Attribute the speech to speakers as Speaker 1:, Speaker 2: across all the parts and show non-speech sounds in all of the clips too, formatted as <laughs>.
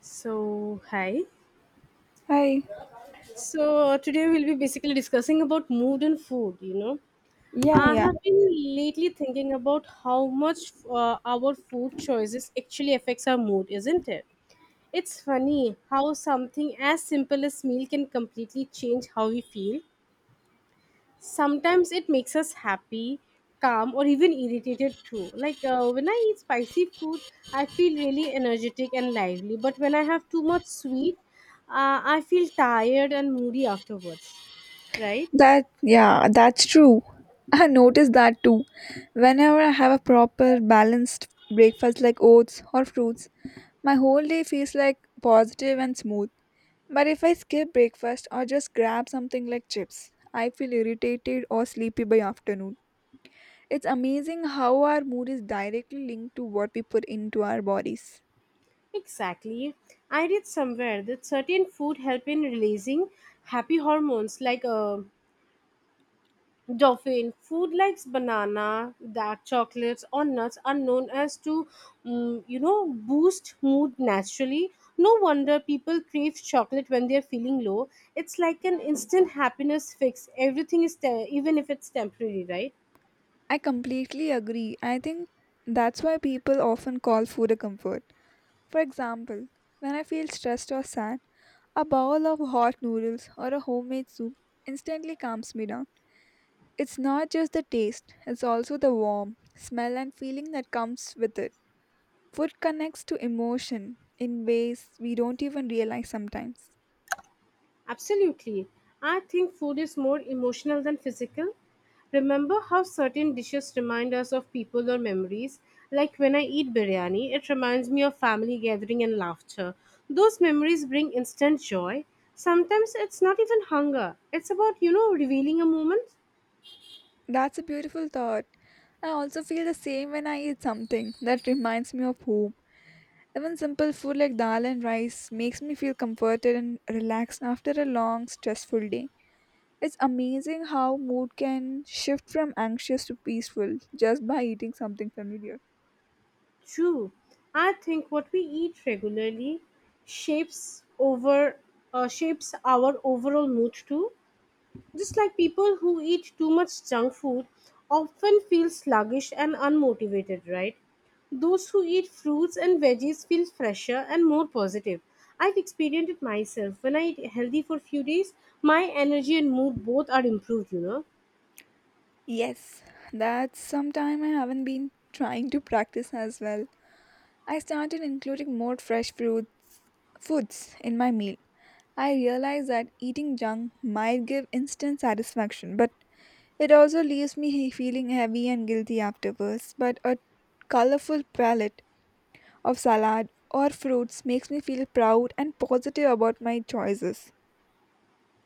Speaker 1: So, hi.
Speaker 2: Hi.
Speaker 1: So, Today we'll be basically discussing about mood and food, you know.
Speaker 2: Yeah,
Speaker 1: I
Speaker 2: yeah.
Speaker 1: have been lately thinking about how much our food choices actually affects our mood, isn't it? It's funny how something as simple as meal can completely change how we feel. Sometimes it makes us happy, calm or even irritated too, like when I eat spicy food I feel really energetic and lively but when I have too much sweet, I feel tired and moody afterwards, right.
Speaker 2: That's true. I noticed that too. Whenever I have a proper balanced breakfast like oats or fruits, my whole day feels like positive and smooth. But if I skip breakfast or just grab something like chips, I feel irritated or sleepy by afternoon. It's amazing how our mood is directly linked to what we put into our bodies.
Speaker 1: Exactly. I read somewhere that certain food help in releasing happy hormones like Dauphin food like banana, dark chocolates, or nuts are known as to, you know, boost mood naturally. No wonder people crave chocolate when they're feeling low. It's like an instant happiness fix. Everything is, even if it's temporary, right?
Speaker 2: I completely agree. I think that's why people often call food a comfort. For example, when I feel stressed or sad, a bowl of hot noodles or a homemade soup instantly calms me down. It's not just the taste, it's also the warmth, smell, and feeling that comes with it. Food connects to emotion in ways we don't even realize sometimes.
Speaker 1: Absolutely. I think food is more emotional than physical. Remember how certain dishes remind us of people or memories? Like when I eat biryani, it reminds me of family gathering and laughter. Those memories bring instant joy. Sometimes it's not even hunger, it's about, you know, revealing a moment.
Speaker 2: That's a beautiful thought. I also feel the same when I eat something that reminds me of home. Even simple food like dal and rice makes me feel comforted and relaxed after a long, stressful day. It's amazing how mood can shift from anxious to peaceful just by eating something familiar.
Speaker 1: True. I think what we eat regularly shapes over shapes our overall mood too. Just like people who eat too much junk food often feel sluggish and unmotivated, right? Those who eat fruits and veggies feel fresher and more positive. I've experienced it myself. When I eat healthy for few days, my energy and mood both are improved, you know.
Speaker 2: Yes, that's some time I haven't been trying to practice as well. I started including more fresh fruits foods in my meal. I realized that eating junk might give instant satisfaction, but it also leaves me <laughs> feeling heavy and guilty afterwards. But a colorful palette of salad or fruits makes me feel proud and positive about my choices.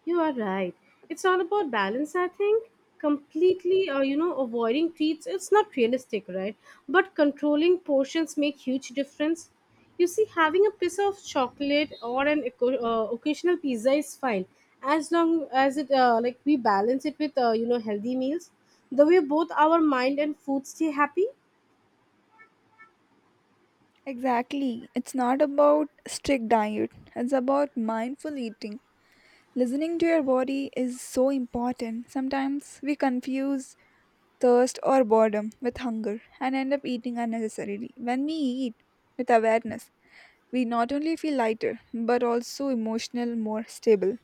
Speaker 1: You are right. It's all about balance, I think. Completely, you know, avoiding treats, it's not realistic, right? But controlling portions make huge difference. You see, having a piece of chocolate or an occasional pizza is fine, as long as it like we balance it with you know healthy meals. The way both our mind and food stay happy.
Speaker 2: Exactly. It's not about strict diet. It's about mindful eating. Listening to your body is so important. Sometimes we confuse thirst or boredom with hunger and end up eating unnecessarily. When we eat with awareness, we not only feel lighter but also emotional more stable.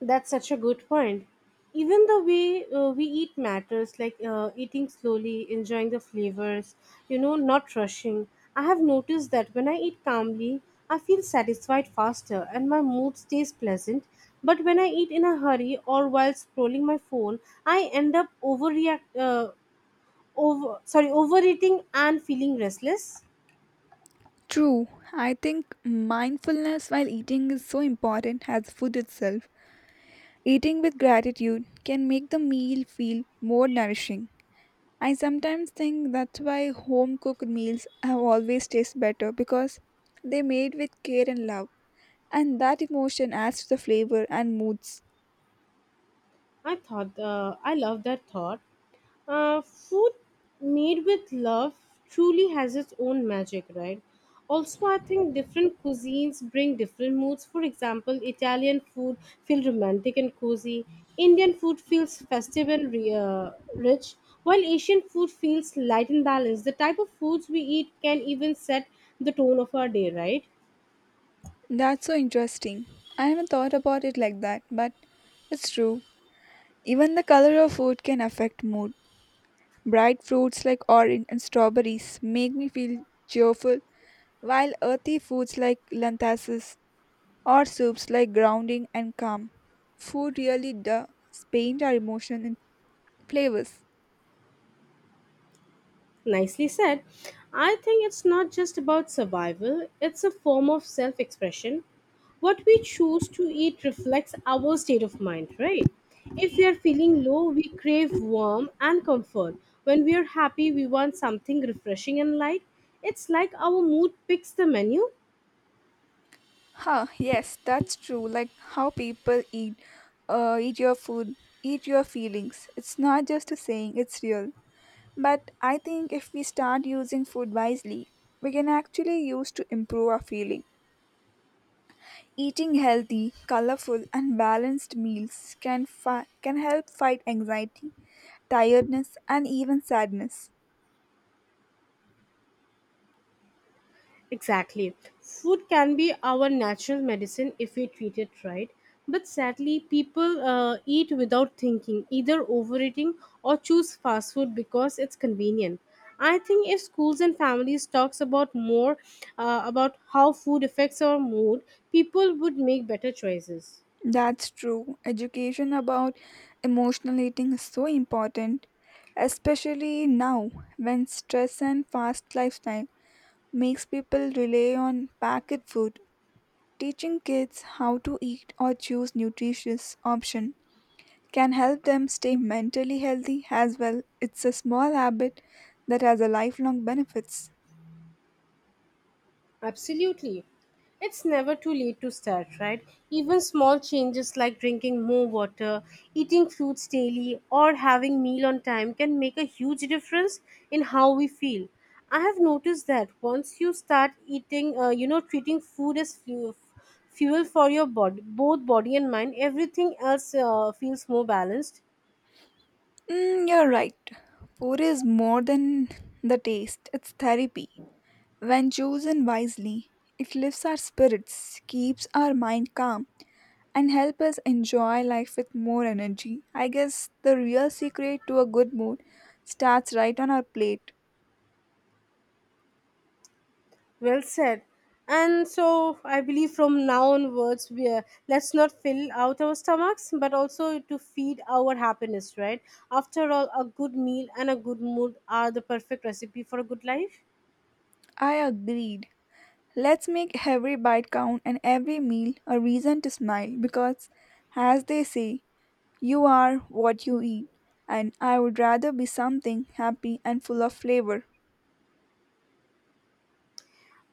Speaker 1: That's such a good point. Even the way we eat matters, like eating slowly, enjoying the flavors, you know, not rushing. I have noticed that when I eat calmly, I feel satisfied faster and my mood stays pleasant. But when I eat in a hurry or while scrolling my phone, I end up overeating and feeling restless.
Speaker 2: True, I think mindfulness while eating is so important as food itself. Eating with gratitude can make the meal feel more nourishing. I sometimes think that's why home cooked meals have always tasted better because they made with care and love, and that emotion adds to the flavor and moods.
Speaker 1: I love that thought. Food made with love truly has its own magic, right? Also, I think different cuisines bring different moods. For example, Italian food feels romantic and cozy. Indian food feels festive and rich, while Asian food feels light and balanced. The type of foods we eat can even set the tone of our day, right?
Speaker 2: That's so interesting. I haven't thought about it like that, but it's true. Even the color of food can affect mood. Bright fruits like orange and strawberries make me feel cheerful, while earthy foods like lentils or soups like grounding and calm. Food really does paint our emotion in flavors.
Speaker 1: Nicely said. I think it's not just about survival, it's a form of self expression. What we choose to eat reflects our state of mind, right? If we are feeling low, we crave warmth and comfort. When we are happy, we want something refreshing and light. It's like our mood picks the menu.
Speaker 2: Huh, yes, that's true. Like how people eat, eat your food, eat your feelings. It's not just a saying, it's real. But I think if we start using food wisely, we can actually use to improve our feeling. Eating healthy, colorful, and balanced meals can help fight anxiety, tiredness, and even sadness.
Speaker 1: Exactly. Food can be our natural medicine if we treat it right. But sadly, people eat without thinking, either overeating or choose fast food because it's convenient. I think if schools and families talks about more about how food affects our mood, people would make better choices.
Speaker 2: That's true. Education about emotional eating is so important, especially now when stress and fast lifestyle makes people rely on packet food. Teaching kids how to eat or choose nutritious option can help them stay mentally healthy as well. It's a small habit that has a lifelong benefits.
Speaker 1: Absolutely. It's never too late to start, right? Even small changes like drinking more water, eating fruits daily, or having meal on time can make a huge difference in how we feel. I have noticed that once you start eating, you know, treating food as fuel, fuel for your body, both body and mind, everything else feels more balanced.
Speaker 2: Mm, you're right. Food is more than the taste. It's therapy. When chosen wisely, it lifts our spirits, keeps our mind calm, and helps us enjoy life with more energy. I guess the real secret to a good mood starts right on our plate.
Speaker 1: Well said. And so I believe from now onwards, we are, let's not fill out our stomachs, but also to feed our happiness, right? After all, a good meal and a good mood are the perfect recipe for a good life.
Speaker 2: I agreed. Let's make every bite count and every meal a reason to smile because, as they say, you are what you eat, and I would rather be something happy and full of flavor.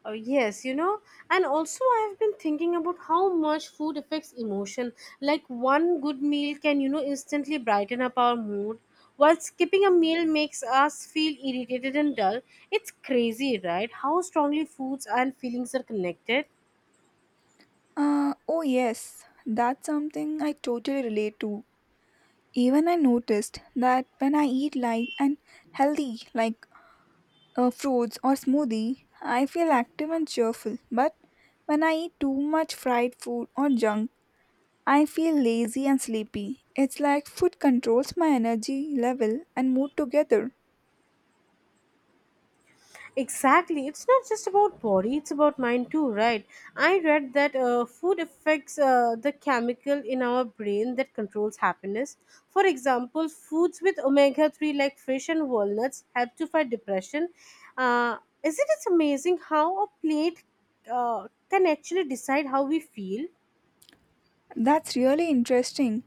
Speaker 1: Oh, yes, you know, and also I've been thinking about how much food affects emotion. Like one good meal can, you know, instantly brighten up our mood, while skipping a meal makes us feel irritated and dull. It's crazy, right? How strongly foods and feelings are connected.
Speaker 2: Oh, yes, that's something I totally relate to. Even I noticed that when I eat light and healthy, like fruits or smoothie, I feel active and cheerful. But when I eat too much fried food or junk, I feel lazy and sleepy. It's like food controls my energy level and mood together.
Speaker 1: Exactly. It's not just about body, it's about mind too, right? I read that food affects the chemical in our brain that controls happiness. For example, foods with omega 3 like fish and walnuts help to fight depression. Uh, isn't it amazing how a plate can actually decide how we feel?
Speaker 2: That's really interesting.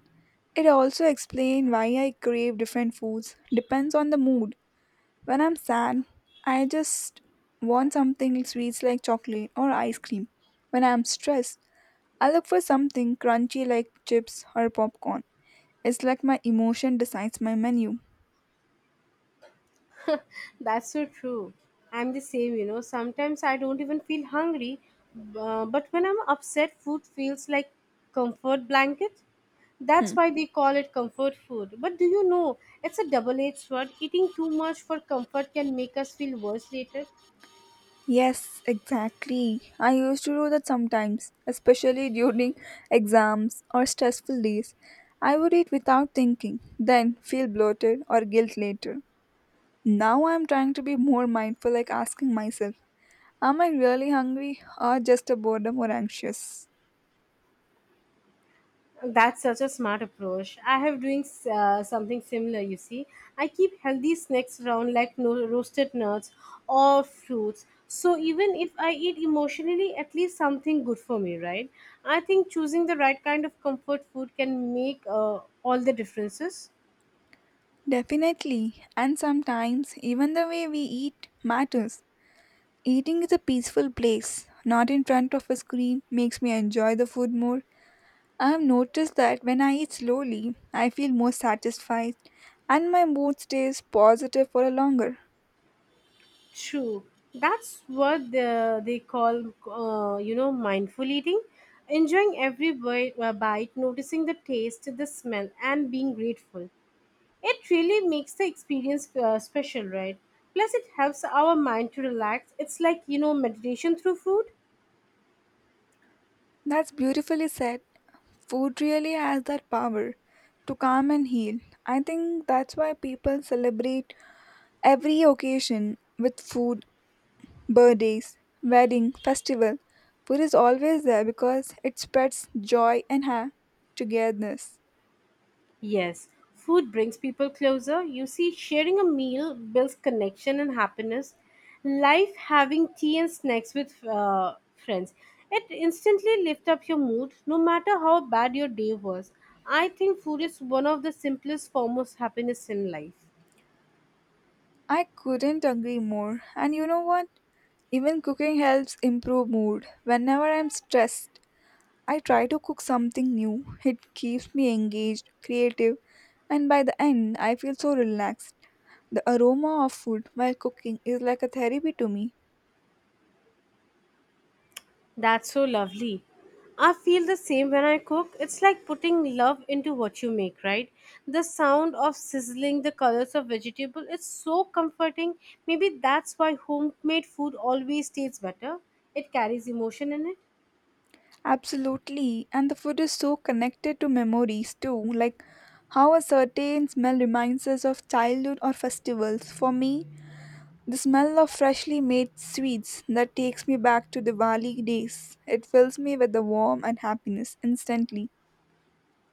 Speaker 2: It also explains why I crave different foods, depends on the mood. When I'm sad, I just want something sweet like chocolate or ice cream. When I'm stressed, I look for something crunchy like chips or popcorn. It's like my emotion decides my menu.
Speaker 1: That's so true. I'm the same, you know. Sometimes I don't even feel hungry, but when I'm upset, food feels like comfort blanket. That's why they call it comfort food. But do you know, it's a double edged sword. Eating too much for comfort can make us feel worse later.
Speaker 2: Yes, exactly. I used to do that sometimes, especially during exams or stressful days. I would eat without thinking, then feel bloated or guilt later. Now I'm trying to be more mindful, like asking myself, am I really hungry or just a boredom or anxious?
Speaker 1: That's such a smart approach. I have doing Something similar. You see, I keep healthy snacks around like roasted nuts or fruits. So even if I eat emotionally, at least something good for me, right? I think choosing the right kind of comfort food can make all the differences.
Speaker 2: Definitely, and sometimes even the way we eat matters. Eating is a peaceful place, not in front of a screen, makes me enjoy the food more. I have noticed that when I eat slowly, I feel more satisfied and my mood stays positive for a longer.
Speaker 1: True. That's what they call, you know, mindful eating. Enjoying every bite, noticing the taste, the smell, and being grateful. It really makes the experience special, right? Plus, it helps our mind to relax. It's like, you know, meditation through food.
Speaker 2: That's beautifully said. Food really has that power to calm and heal. I think that's why people celebrate every occasion with food, birthdays, wedding, festival, food is always there because it spreads joy and togetherness.
Speaker 1: Yes, food brings people closer. You see, sharing a meal builds connection and happiness. Life having tea and snacks with friends. It instantly lifts up your mood, no matter how bad your day was. I think food is one of the simplest forms of happiness in life.
Speaker 2: I couldn't agree more. And you know what? Even cooking helps improve mood. Whenever I'm stressed, I try to cook something new. It keeps me engaged, creative, and by the end, I feel so relaxed. The aroma of food while cooking is like a therapy to me.
Speaker 1: That's so lovely. I feel the same when I cook. It's like putting love into what you make, right? The sound of sizzling, the colors of vegetable, it's so comforting. Maybe that's why homemade food always tastes better. It carries emotion in it.
Speaker 2: Absolutely. And the food is so connected to memories too, like how a certain smell reminds us of childhood or festivals. For me, the smell of freshly made sweets that takes me back to Diwali days. It fills me with the warmth and happiness instantly.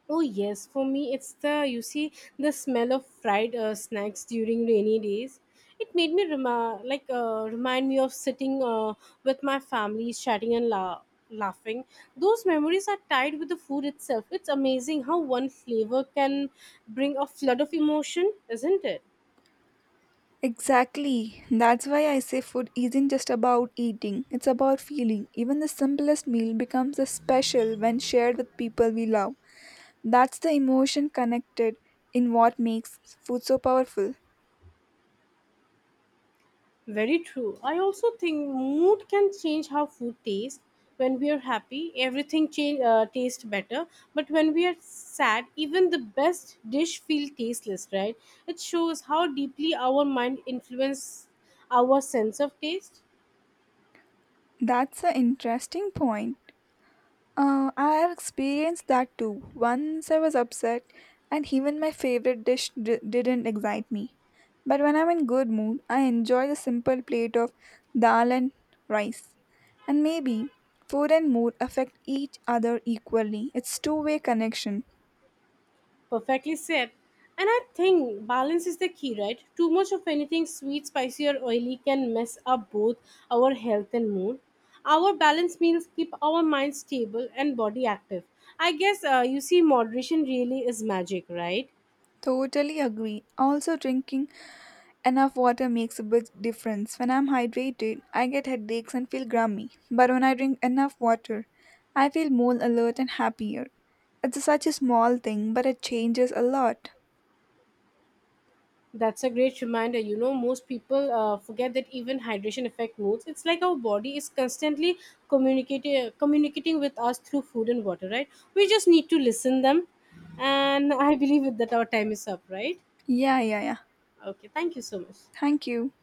Speaker 1: Oh yes, for me it's the you see the smell of fried snacks during rainy days. It made me remind me of sitting with my family, chatting and laughing. Those memories are tied with the food itself. It's amazing how one flavor can bring a flood of emotion, isn't it?
Speaker 2: Exactly. That's why I say food isn't just about eating, it's about feeling. Even the simplest meal becomes a special when shared with people we love. That's the emotion connected in what makes food so powerful.
Speaker 1: Very true. I also think mood can change how food tastes. When we are happy, everything tastes better. But when we are sad, even the best dish feels tasteless, right? It shows how deeply our mind influences our sense of taste.
Speaker 2: That's an interesting point. I have experienced that too. Once I was upset, and even my favorite dish didn't excite me. But when I'm in good mood, I enjoy the simple plate of dal and rice. And maybe food and mood affect each other equally. It's two-way connection.
Speaker 1: Perfectly said. And I think balance is the key, right? Too much of anything sweet, spicy, or oily can mess up both our health and mood. Our balanced meals keep our mind stable and body active. I guess you see, moderation really is magic, right?
Speaker 2: Totally agree. Also drinking enough water makes a big difference. When I'm hydrated, I get headaches and feel grumpy. But when I drink enough water, I feel more alert and happier. It's such a small thing, but it changes a lot.
Speaker 1: That's a great reminder. You know, most people forget that even hydration affect moods. It's like our body is constantly communicating with us through food and water, right? We just need to listen them. And I believe that our time is up, right?
Speaker 2: Yeah, yeah, yeah.
Speaker 1: Okay, thank you so much.
Speaker 2: Thank you.